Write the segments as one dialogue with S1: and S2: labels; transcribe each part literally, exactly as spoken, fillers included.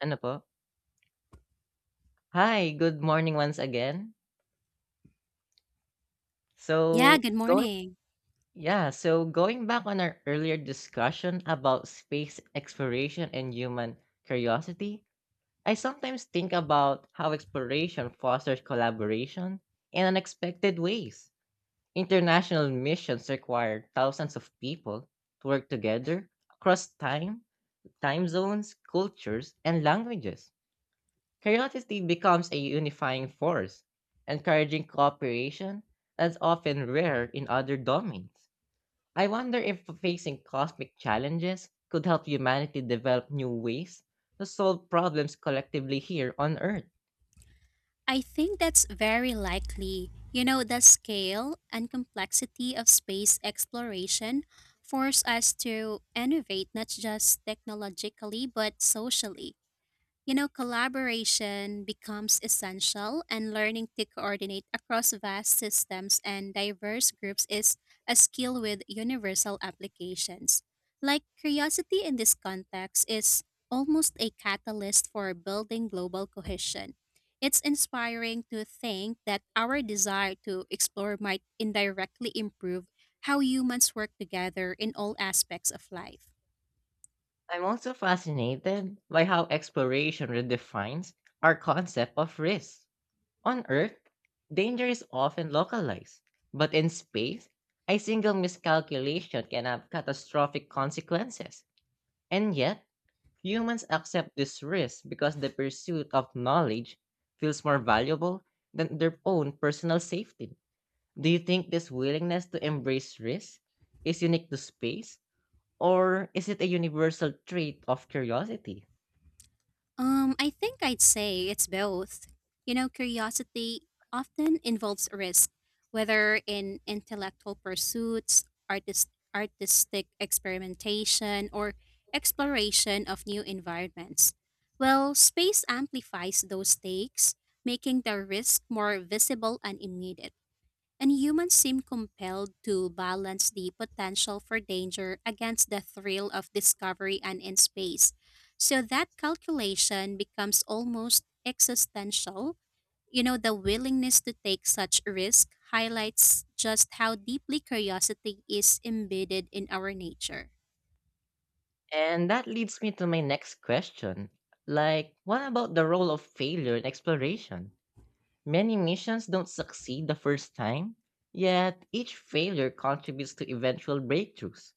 S1: Ano po? Hi, good morning once again.
S2: Yeah,
S1: So,
S2: good
S1: going
S2: morning.
S1: yeah, so going back on our earlier discussion about space exploration and human curiosity, I sometimes think about how exploration fosters collaboration in unexpected ways. International missions require thousands of people to work together across time, time zones, cultures, and languages. Curiosity becomes a unifying force, encouraging cooperation that's often rare in other domains. I wonder if facing cosmic challenges could help humanity develop new ways to solve problems collectively here on Earth.
S2: I think that's very likely. You know, the scale and complexity of space exploration force us to innovate not just technologically but socially. You know, collaboration becomes essential, and learning to coordinate across vast systems and diverse groups is a skill with universal applications. Like curiosity in this context is almost a catalyst for building global cohesion. It's inspiring to think that our desire to explore might indirectly improve how humans work together in all aspects of life.
S1: I'm also fascinated by how exploration redefines our concept of risk. On Earth, danger is often localized, but in space, a single miscalculation can have catastrophic consequences. And yet, humans accept this risk because the pursuit of knowledge feels more valuable than their own personal safety. Do you think this willingness to embrace risk is unique to space, or is it a universal trait of curiosity?
S2: Um, I think I'd say it's both. You know, curiosity often involves risk, whether in intellectual pursuits, artist, artistic experimentation, or exploration of new environments. Well, space amplifies those stakes, making the risk more visible and immediate. And humans seem compelled to balance the potential for danger against the thrill of discovery and in space. So that calculation becomes almost existential. You know, the willingness to take such risk highlights just how deeply curiosity is embedded in our nature.
S1: And that leads me to my next question. Like, what about the role of failure in exploration? Many missions don't succeed the first time, yet each failure contributes to eventual breakthroughs.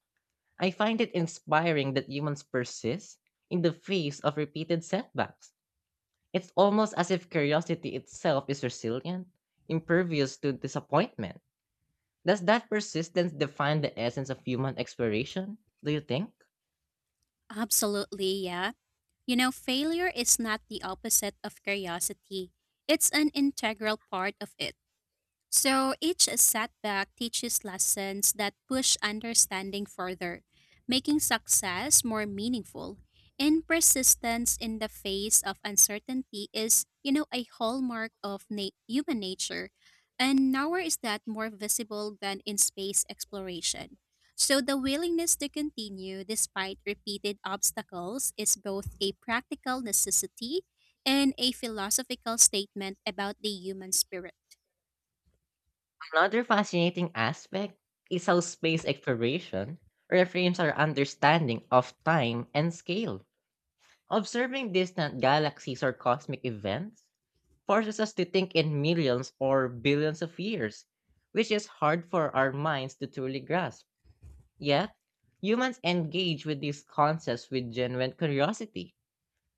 S1: I find it inspiring that humans persist in the face of repeated setbacks. It's almost as if curiosity itself is resilient, impervious to disappointment. Does that persistence define the essence of human exploration, do you think?
S2: Absolutely, yeah. You know, failure is not the opposite of curiosity, it's an integral part of it. So each setback teaches lessons that push understanding further, making success more meaningful. And persistence in the face of uncertainty is, you know, a hallmark of na- human nature. And nowhere is that more visible than in space exploration. So the willingness to continue despite repeated obstacles is both a practical necessity and a philosophical statement about the human spirit.
S1: Another fascinating aspect is how space exploration reframes our understanding of time and scale. Observing distant galaxies or cosmic events forces us to think in millions or billions of years, which is hard for our minds to truly grasp. Yet, humans engage with these concepts with genuine curiosity.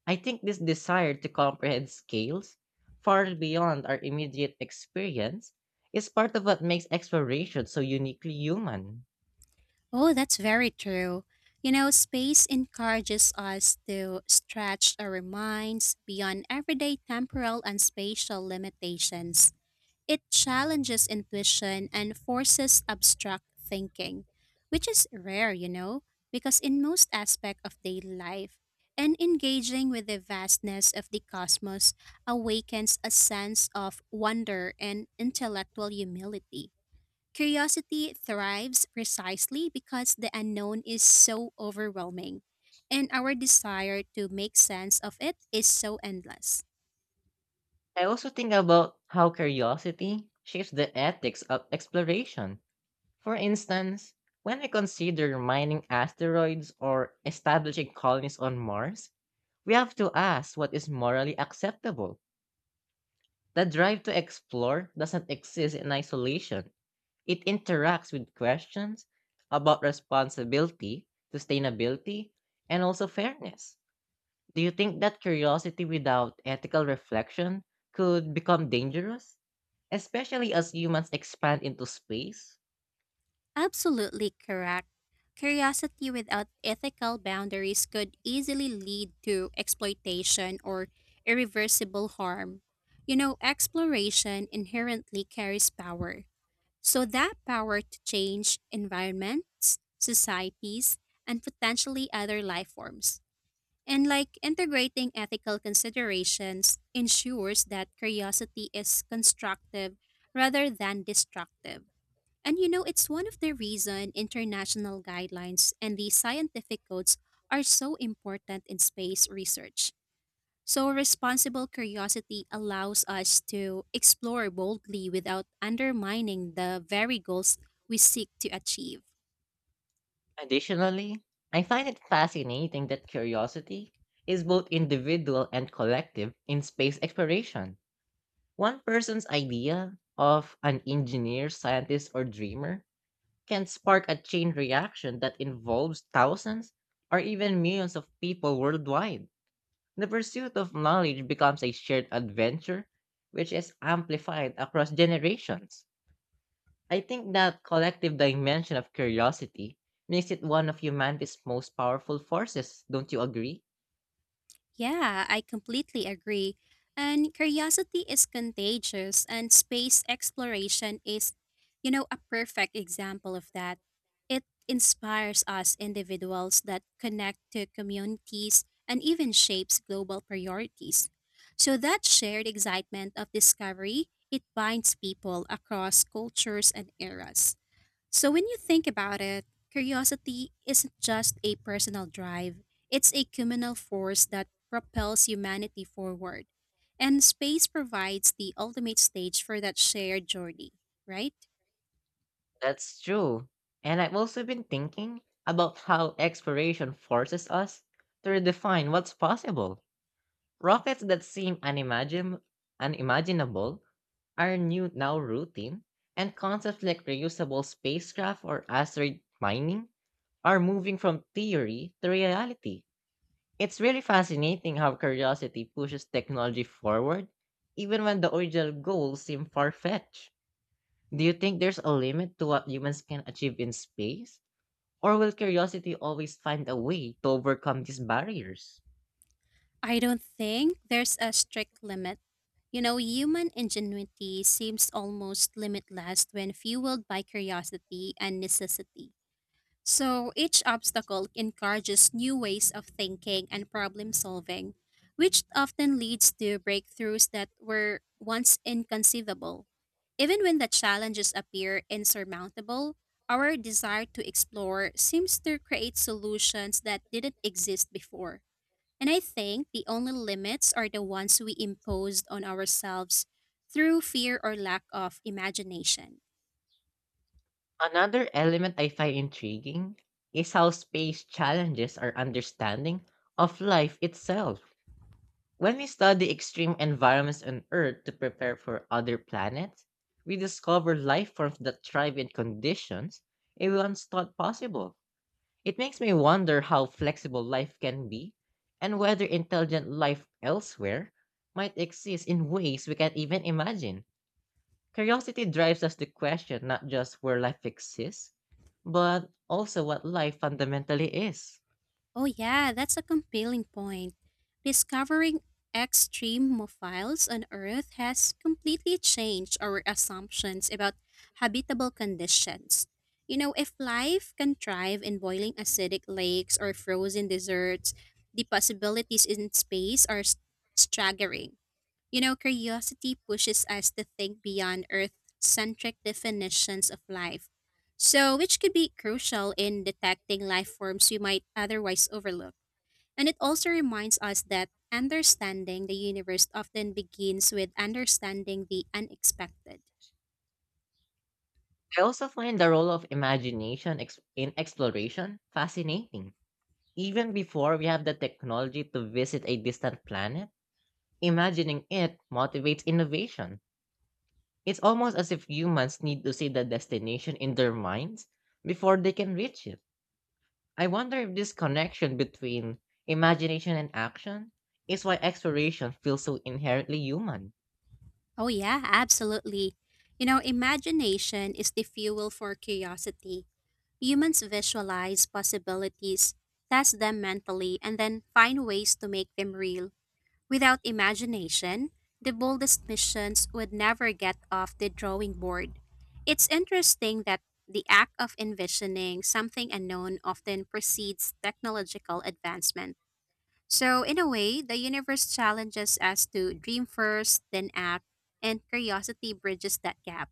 S1: I think this desire to comprehend scales far beyond our immediate experience is part of what makes exploration so uniquely human.
S2: Oh, that's very true. You know, space encourages us to stretch our minds beyond everyday temporal and spatial limitations. It challenges intuition and forces abstract thinking, which is rare, you know, because in most aspect of daily life, and engaging with the vastness of the cosmos awakens a sense of wonder and intellectual humility. Curiosity thrives precisely because the unknown is so overwhelming, and our desire to make sense of it is so endless.
S1: I also think about how curiosity shapes the ethics of exploration. For instance, when I consider mining asteroids or establishing colonies on Mars, we have to ask what is morally acceptable. The drive to explore doesn't exist in isolation. It interacts with questions about responsibility, sustainability, and also fairness. Do you think that curiosity without ethical reflection could become dangerous, especially as humans expand into space?
S2: Absolutely correct. Curiosity without ethical boundaries could easily lead to exploitation or irreversible harm. You know, exploration inherently carries power. So, that power to change environments, societies, and potentially other life forms. And like integrating ethical considerations ensures that curiosity is constructive rather than destructive. And you know, it's one of the reason international guidelines and the scientific codes are so important in space research. So responsible curiosity allows us to explore boldly without undermining the very goals we seek to achieve.
S1: Additionally, I find it fascinating that curiosity is both individual and collective in space exploration. One person's idea of an engineer, scientist, or dreamer can spark a chain reaction that involves thousands or even millions of people worldwide. The pursuit of knowledge becomes a shared adventure which is amplified across generations. I think that collective dimension of curiosity makes it one of humanity's most powerful forces, don't you agree?
S2: Yeah, I completely agree. And curiosity is contagious, and space exploration is, you know, a perfect example of that. It inspires us individuals that connect to communities and even shapes global priorities. So that shared excitement of discovery, it binds people across cultures and eras. So when you think about it, curiosity isn't just a personal drive, it's a communal force that propels humanity forward. And space provides the ultimate stage for that shared journey, right?
S1: That's true. And I've also been thinking about how exploration forces us to redefine what's possible. Rockets that seem unimagin- unimaginable are new now routine, and concepts like reusable spacecraft or asteroid mining are moving from theory to reality. It's really fascinating how curiosity pushes technology forward, even when the original goals seem far fetched. Do you think there's a limit to what humans can achieve in space? Or will curiosity always find a way to overcome these barriers?
S2: I don't think there's a strict limit. You know, human ingenuity seems almost limitless when fueled by curiosity and necessity. So each obstacle encourages new ways of thinking and problem solving, which often leads to breakthroughs that were once inconceivable. Even when the challenges appear insurmountable, our desire to explore seems to create solutions that didn't exist before. And I think the only limits are the ones we imposed on ourselves through fear or lack of imagination.
S1: Another element I find intriguing is how space challenges our understanding of life itself. When we study extreme environments on Earth to prepare for other planets, we discover life forms that thrive in conditions we once thought possible. It makes me wonder how flexible life can be and whether intelligent life elsewhere might exist in ways we can't even imagine. Curiosity drives us to question not just where life exists, but also what life fundamentally is.
S2: Oh, yeah, that's a compelling point. Discovering extremophiles on Earth has completely changed our assumptions about habitable conditions. You know, if life can thrive in boiling acidic lakes or frozen deserts, the possibilities in space are s- staggering. You know, curiosity pushes us to think beyond Earth centric definitions of life, so which could be crucial in detecting life forms we might otherwise overlook. And it also reminds us that understanding the universe often begins with understanding the unexpected.
S1: I also find the role of imagination ex- in exploration fascinating. Even before we have the technology to visit a distant planet, imagining it motivates innovation. It's almost as if humans need to see the destination in their minds before they can reach it. I wonder if this connection between imagination and action is why exploration feels so inherently human.
S2: Oh, yeah, absolutely. You know, imagination is the fuel for curiosity. Humans visualize possibilities, test them mentally, and then find ways to make them real. Without imagination, the boldest missions would never get off the drawing board. It's interesting that the act of envisioning something unknown often precedes technological advancement. So, in a way, the universe challenges us to dream first, then act, and curiosity bridges that gap.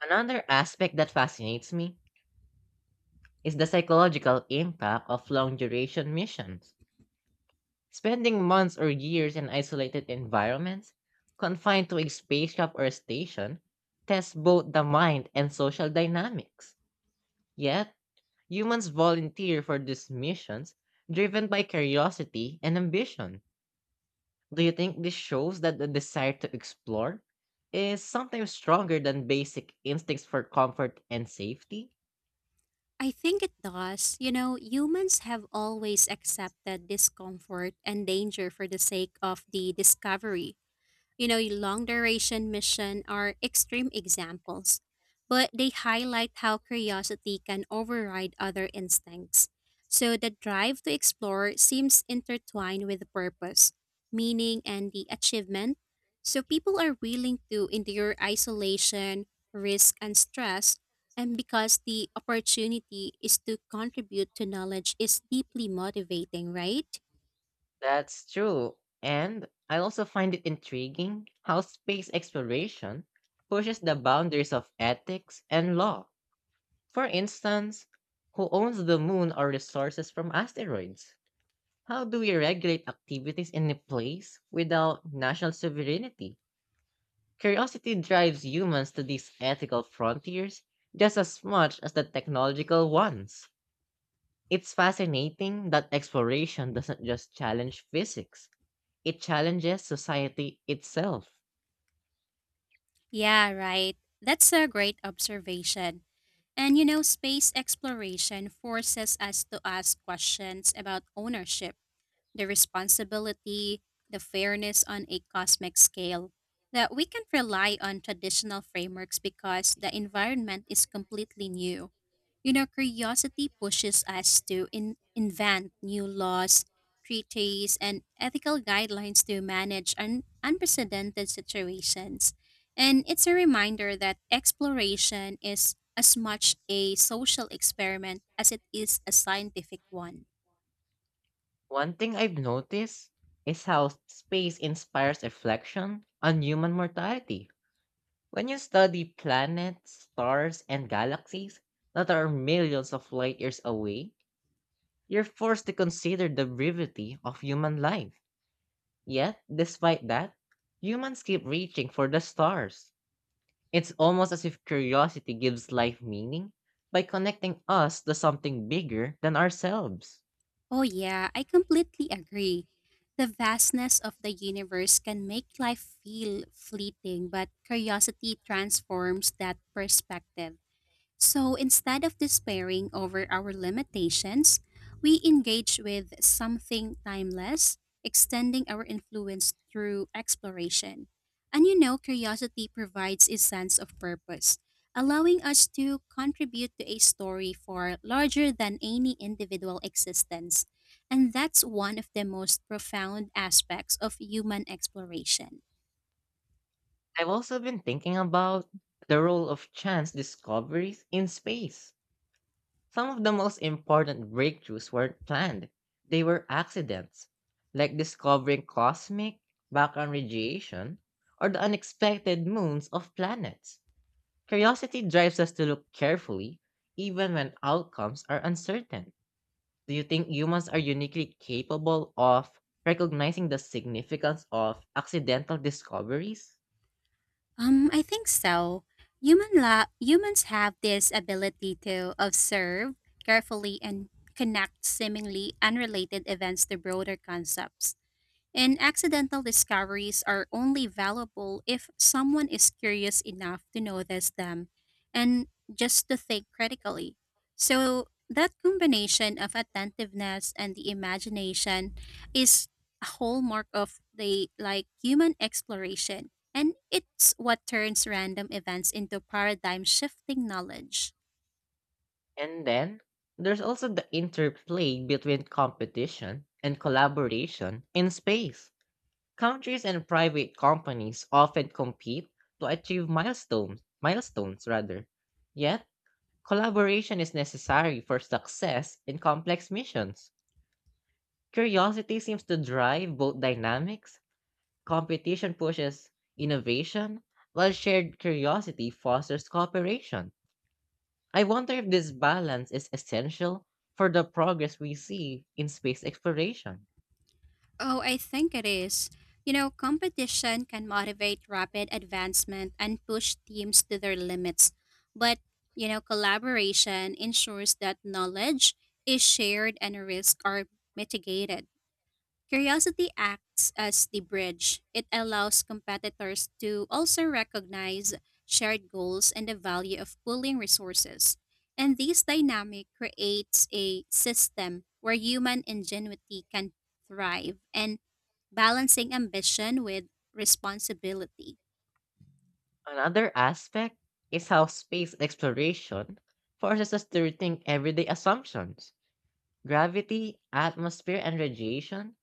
S1: Another aspect that fascinates me is the psychological impact of long duration missions. Spending months or years in isolated environments, confined to a spaceship or station, tests both the mind and social dynamics. Yet, humans volunteer for these missions driven by curiosity and ambition. Do you think this shows that the desire to explore is sometimes stronger than basic instincts for comfort and safety?
S2: I think it does. You know, humans have always accepted discomfort and danger for the sake of the discovery. You know, long duration mission are extreme examples, but they highlight how curiosity can override other instincts. So the drive to explore seems intertwined with purpose, meaning, and the achievement. So people are willing to endure isolation, risk, and stress, and because the opportunity is to contribute to knowledge is deeply motivating, right?
S1: That's true. And I also find it intriguing how space exploration pushes the boundaries of ethics and law. For instance, who owns the moon or resources from asteroids? How do we regulate activities in a place without national sovereignty? Curiosity drives humans to these ethical frontiers just as much as the technological ones. It's fascinating that exploration doesn't just challenge physics, it challenges society itself.
S2: Yeah, right. That's a great observation. And you know, space exploration forces us to ask questions about ownership, the responsibility, the fairness on a cosmic scale. That we can't rely on traditional frameworks because the environment is completely new. You know, curiosity pushes us to in- invent new laws, treaties, and ethical guidelines to manage un- unprecedented situations. And it's a reminder that exploration is as much a social experiment as it is a scientific one.
S1: One thing I've noticed is how space inspires reflection on human mortality. When you study planets, stars, and galaxies that are millions of light years away, you're forced to consider the brevity of human life. Yet, despite that, humans keep reaching for the stars. It's almost as if curiosity gives life meaning by connecting us to something bigger than ourselves.
S2: Oh, yeah, I completely agree. The vastness of the universe can make life feel fleeting, but curiosity transforms that perspective. So instead of despairing over our limitations, we engage with something timeless, extending our influence through exploration. And you know, curiosity provides a sense of purpose, allowing us to contribute to a story far larger than any individual existence. And that's one of the most profound aspects of human exploration.
S1: I've also been thinking about the role of chance discoveries in space. Some of the most important breakthroughs weren't planned, they were accidents, like discovering cosmic background radiation or the unexpected moons of planets. Curiosity drives us to look carefully, even when outcomes are uncertain. Do you think humans are uniquely capable of recognizing the significance of accidental discoveries?
S2: Um, I think so. Human la- humans have this ability to observe carefully and connect seemingly unrelated events to broader concepts. And accidental discoveries are only valuable if someone is curious enough to notice them and just to think critically. So, that combination of attentiveness and the imagination is a hallmark of the like human exploration and it's what turns random events into paradigm shifting knowledge.
S1: And then there's also the interplay between competition and collaboration in space. Countries and private companies often compete to achieve milestones, milestones rather. Yet, collaboration is necessary for success in complex missions. Curiosity seems to drive both dynamics. Competition pushes innovation, while shared curiosity fosters cooperation. I wonder if this balance is essential for the progress we see in space exploration.
S2: Oh, I think it is. You know, competition can motivate rapid advancement and push teams to their limits. But, you know, collaboration ensures that knowledge is shared and risks are mitigated. Curiosity acts as the bridge. It allows competitors to also recognize shared goals and the value of pooling resources. And this dynamic creates a system where human ingenuity can thrive and balancing ambition with responsibility.
S1: Another aspect is how space exploration forces us to rethink everyday assumptions. Gravity, atmosphere, and radiation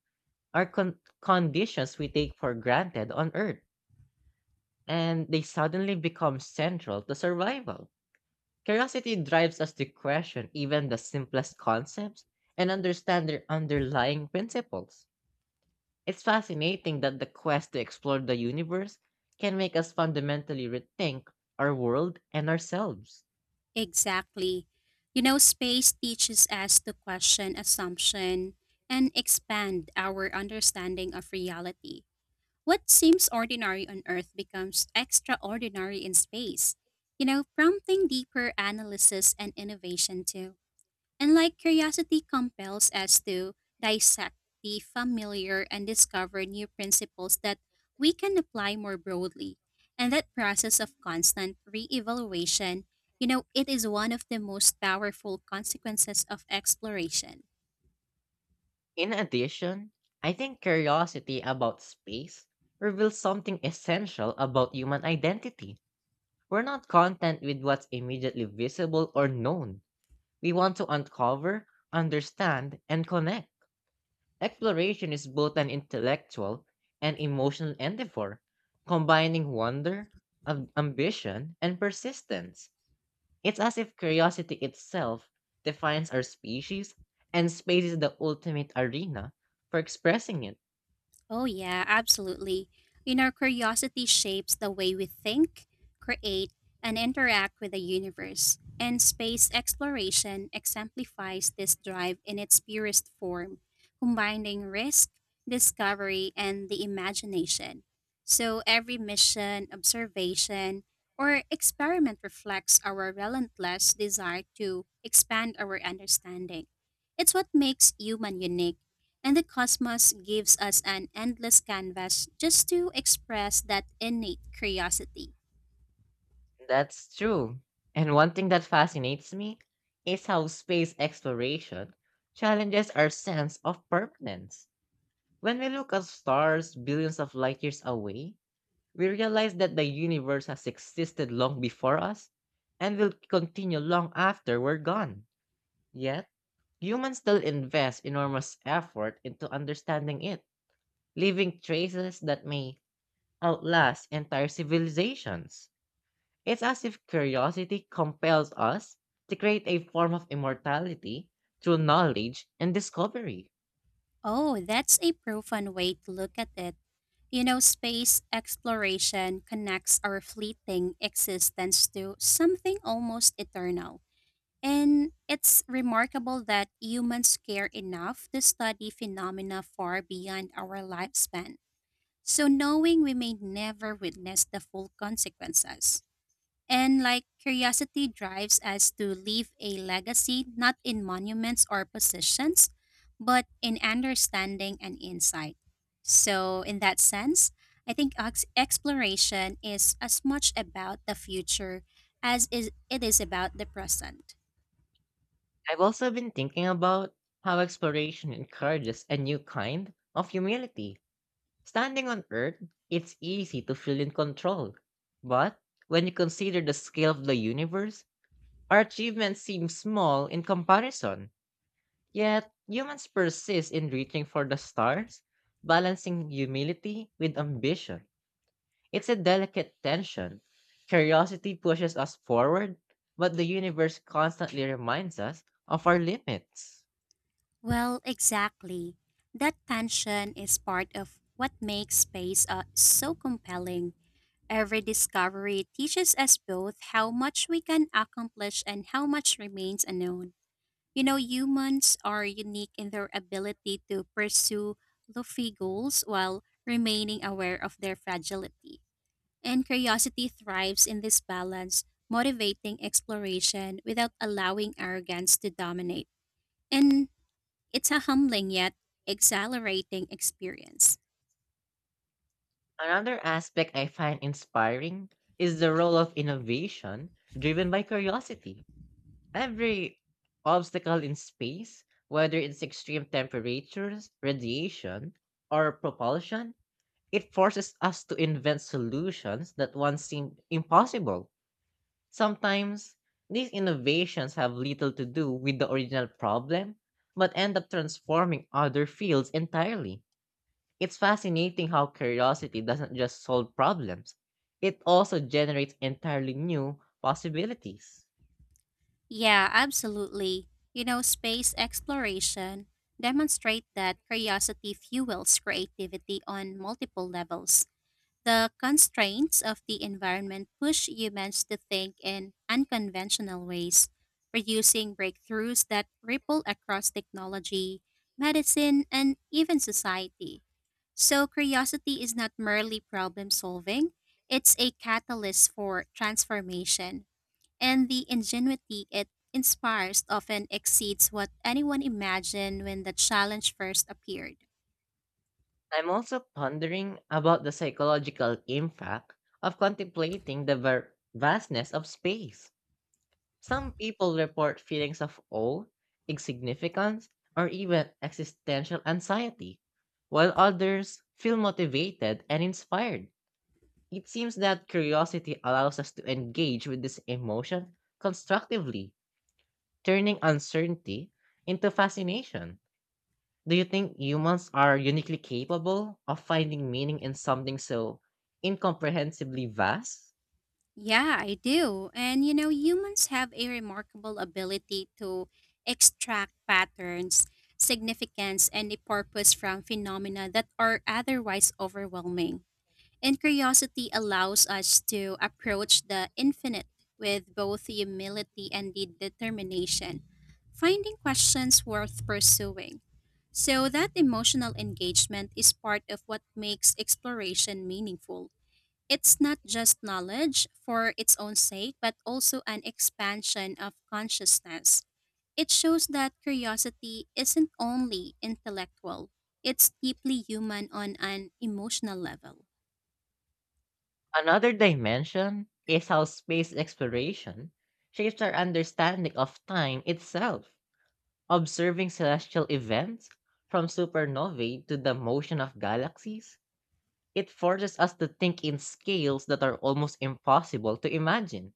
S1: are con- conditions we take for granted on Earth, and they suddenly become central to survival. Curiosity drives us to question even the simplest concepts and understand their underlying principles. It's fascinating that the quest to explore the universe can make us fundamentally rethink our world and ourselves.
S2: Exactly. You know, space teaches us to question assumption and expand our understanding of reality. What seems ordinary on Earth becomes extraordinary in space, you know, prompting deeper analysis and innovation too. And like curiosity compels us to dissect the familiar and discover new principles that we can apply more broadly. And that process of constant reevaluation, you know, it is one of the most powerful consequences of exploration.
S1: In addition, I think curiosity about space reveals something essential about human identity. We're not content with what's immediately visible or known. We want to uncover, understand, and connect. Exploration is both an intellectual and emotional endeavor, combining wonder, am- ambition, and persistence. It's as if curiosity itself defines our species, and space is the ultimate arena for expressing it.
S2: Oh, yeah, absolutely. You know, curiosity shapes the way we think, create, and interact with the universe, and space exploration exemplifies this drive in its purest form, combining risk, discovery, and the imagination. So every mission, observation, or experiment reflects our relentless desire to expand our understanding. It's what makes human unique and the cosmos gives us an endless canvas just to express that innate curiosity.
S1: That's true. And one thing that fascinates me is how space exploration challenges our sense of permanence. When we look at stars billions of light years away, we realize that the universe has existed long before us and will continue long after we're gone. Yet, humans still invest enormous effort into understanding it, leaving traces that may outlast entire civilizations. It's as if curiosity compels us to create a form of immortality through knowledge and discovery.
S2: Oh, that's a profound way to look at it. You know, space exploration connects our fleeting existence to something almost eternal. And it's remarkable that humans care enough to study phenomena far beyond our lifespan. So, knowing we may never witness the full consequences. And like curiosity drives us to leave a legacy not in monuments or positions, but in understanding and insight. So, in that sense, I think ex- exploration is as much about the future as is, it is about the present.
S1: I've also been thinking about how exploration encourages a new kind of humility. Standing on Earth, it's easy to feel in control. But when you consider the scale of the universe, our achievements seem small in comparison. Yet, humans persist in reaching for the stars, balancing humility with ambition. It's a delicate tension. Curiosity pushes us forward, but the universe constantly reminds us of our limits.
S2: Well, exactly. That tension is part of what makes space uh, so compelling. Every discovery teaches us both how much we can accomplish and how much remains unknown. You know, humans are unique in their ability to pursue lofty goals while remaining aware of their fragility. And curiosity thrives in this balance, motivating exploration without allowing arrogance to dominate. And it's a humbling yet exhilarating experience.
S1: Another aspect I find inspiring is the role of innovation driven by curiosity. Every obstacle in space, whether it's extreme temperatures, radiation, or propulsion, it forces us to invent solutions that once seemed impossible. Sometimes, these innovations have little to do with the original problem, but end up transforming other fields entirely. It's fascinating how curiosity doesn't just solve problems, it also generates entirely new possibilities.
S2: Yeah, absolutely. You know, space exploration demonstrate that curiosity fuels creativity on multiple levels. The constraints of the environment push humans to think in unconventional ways, producing breakthroughs that ripple across technology, medicine, and even society. So, curiosity is not merely problem solving, it's a catalyst for transformation, and the ingenuity it inspires often exceeds what anyone imagined when the challenge first appeared.
S1: I'm also pondering about the psychological impact of contemplating the ver- vastness of space. Some people report feelings of awe, insignificance, or even existential anxiety, while others feel motivated and inspired. It seems that curiosity allows us to engage with this emotion constructively, turning uncertainty into fascination. Do you think humans are uniquely capable of finding meaning in something so incomprehensibly vast?
S2: Yeah, I do. And you know, humans have a remarkable ability to extract patterns, significance, and a purpose from phenomena that are otherwise overwhelming. And curiosity allows us to approach the infinite with both humility and the determination, finding questions worth pursuing. So, that emotional engagement is part of what makes exploration meaningful. It's not just knowledge for its own sake, but also an expansion of consciousness. It shows that curiosity isn't only intellectual, it's deeply human on an emotional level.
S1: Another dimension is how space exploration shapes our understanding of time itself. Observing celestial events, from supernovae to the motion of galaxies, it forces us to think in scales that are almost impossible to imagine.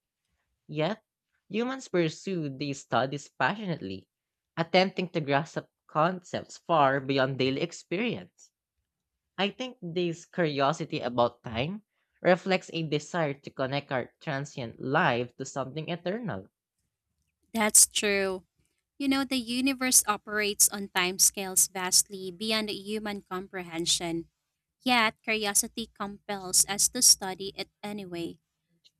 S1: Yet, humans pursue these studies passionately, attempting to grasp concepts far beyond daily experience. I think this curiosity about time reflects a desire to connect our transient life to something eternal.
S2: That's true. You know, the universe operates on timescales vastly beyond human comprehension, yet curiosity compels us to study it anyway.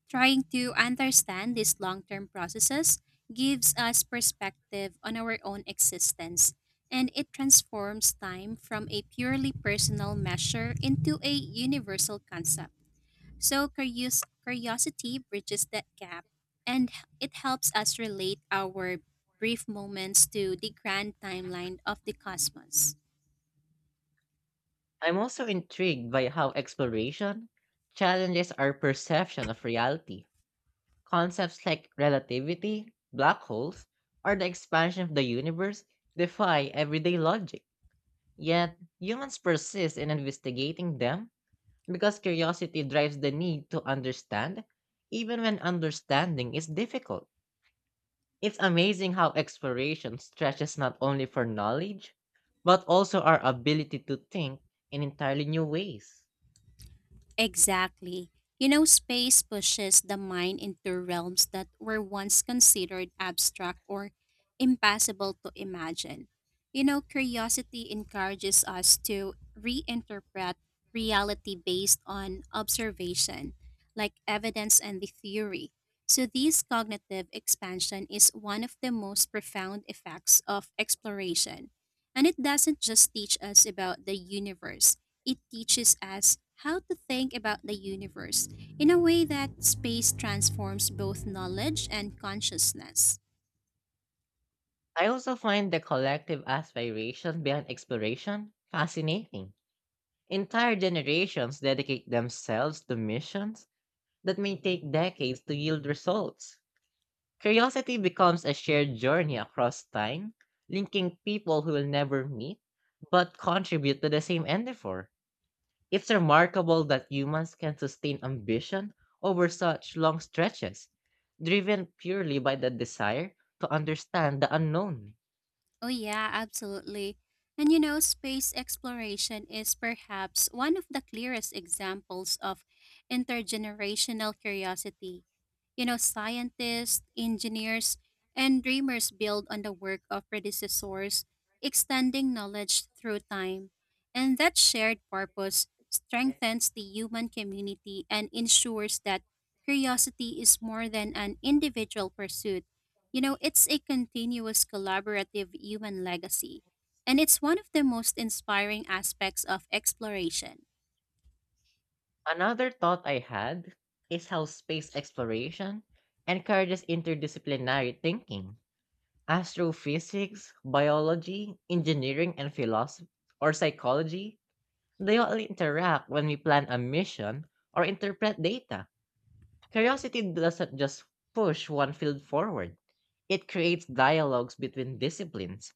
S2: Trying to understand these long term processes gives us perspective on our own existence, and it transforms time from a purely personal measure into a universal concept. So, curios- curiosity bridges that gap, and h- it helps us relate our brief moments to the grand timeline of the cosmos.
S1: I'm also intrigued by how exploration challenges our perception of reality. Concepts like relativity, black holes, or the expansion of the universe defy everyday logic. Yet, humans persist in investigating them because curiosity drives the need to understand, even when understanding is difficult. It's amazing how exploration stretches not only for knowledge, but also our ability to think in entirely new ways.
S2: Exactly. You know, space pushes the mind into realms that were once considered abstract or impossible to imagine. You know, curiosity encourages us to reinterpret reality based on observation, like evidence and the theory. So, this cognitive expansion is one of the most profound effects of exploration. And it doesn't just teach us about the universe it teaches us how to think about the universe in a way that space transforms both knowledge and consciousness.
S1: I also find the collective aspiration behind exploration fascinating. Entire generations dedicate themselves to missions that may take decades to yield results. Curiosity becomes a shared journey across time, linking people who will never meet but contribute to the same endeavor. It's remarkable that humans can sustain ambition over such long stretches, driven purely by the desire to understand the unknown.
S2: Oh, yeah, absolutely. And you know, space exploration is perhaps one of the clearest examples of intergenerational curiosity. You know, scientists, engineers, and dreamers build on the work of predecessors, extending knowledge through time. And that shared purpose strengthens the human community and ensures that curiosity is more than an individual pursuit, you know, it's a continuous collaborative human legacy, and it's one of the most inspiring aspects of exploration.
S1: Another thought I had is how space exploration encourages interdisciplinary thinking. Astrophysics, biology, engineering, and philosophy or psychology, they all interact when we plan a mission or interpret data. Curiosity doesn't just push one field forward. It creates dialogues between disciplines.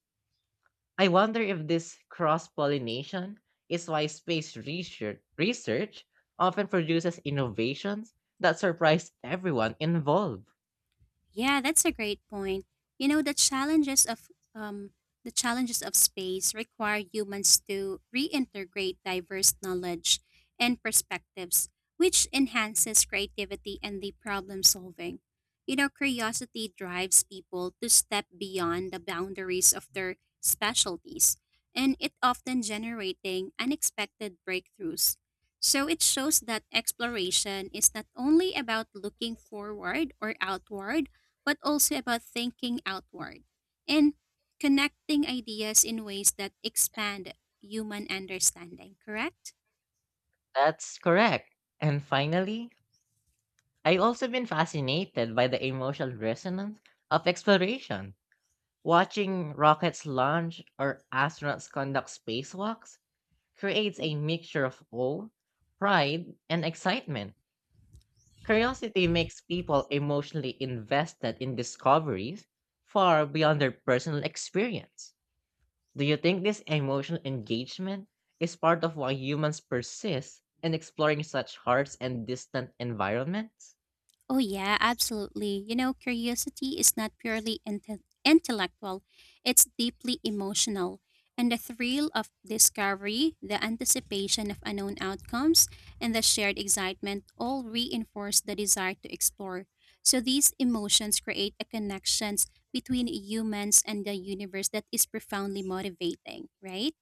S1: I wonder if this cross pollination is why space research, research often produces innovations that surprise everyone involved.
S2: Yeah, that's a great point. You know, the challenges of um, the challenges of space require humans to reintegrate diverse knowledge and perspectives, which enhances creativity and the problem solving. You know, curiosity drives people to step beyond the boundaries of their specialties, and it often generating unexpected breakthroughs. So it shows that exploration is not only about looking forward or outward, but also about thinking outward and connecting ideas in ways that expand human understanding, correct?
S1: That's correct. And finally, I've also been fascinated by the emotional resonance of exploration. Watching rockets launch or astronauts conduct spacewalks creates a mixture of awe, pride, and excitement. Curiosity makes people emotionally invested in discoveries far beyond their personal experience. Do you think this emotional engagement is part of why humans persist in exploring such harsh and distant environments?
S2: Oh, yeah, absolutely. You know, curiosity is not purely inte- intellectual, it's deeply emotional. And the thrill of discovery, the anticipation of unknown outcomes, and the shared excitement all reinforce the desire to explore. So these emotions create a connections between humans and the universe that is profoundly motivating, right?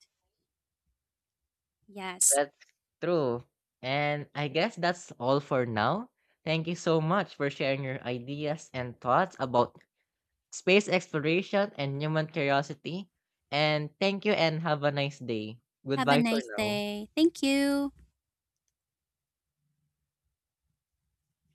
S2: Yes.
S1: That's true. And I guess that's all for now. Thank you so much for sharing your ideas and thoughts about space exploration and human curiosity. And thank you and have a nice day.
S2: Have a
S1: Goodbye for
S2: nice
S1: now.
S2: day. Thank you.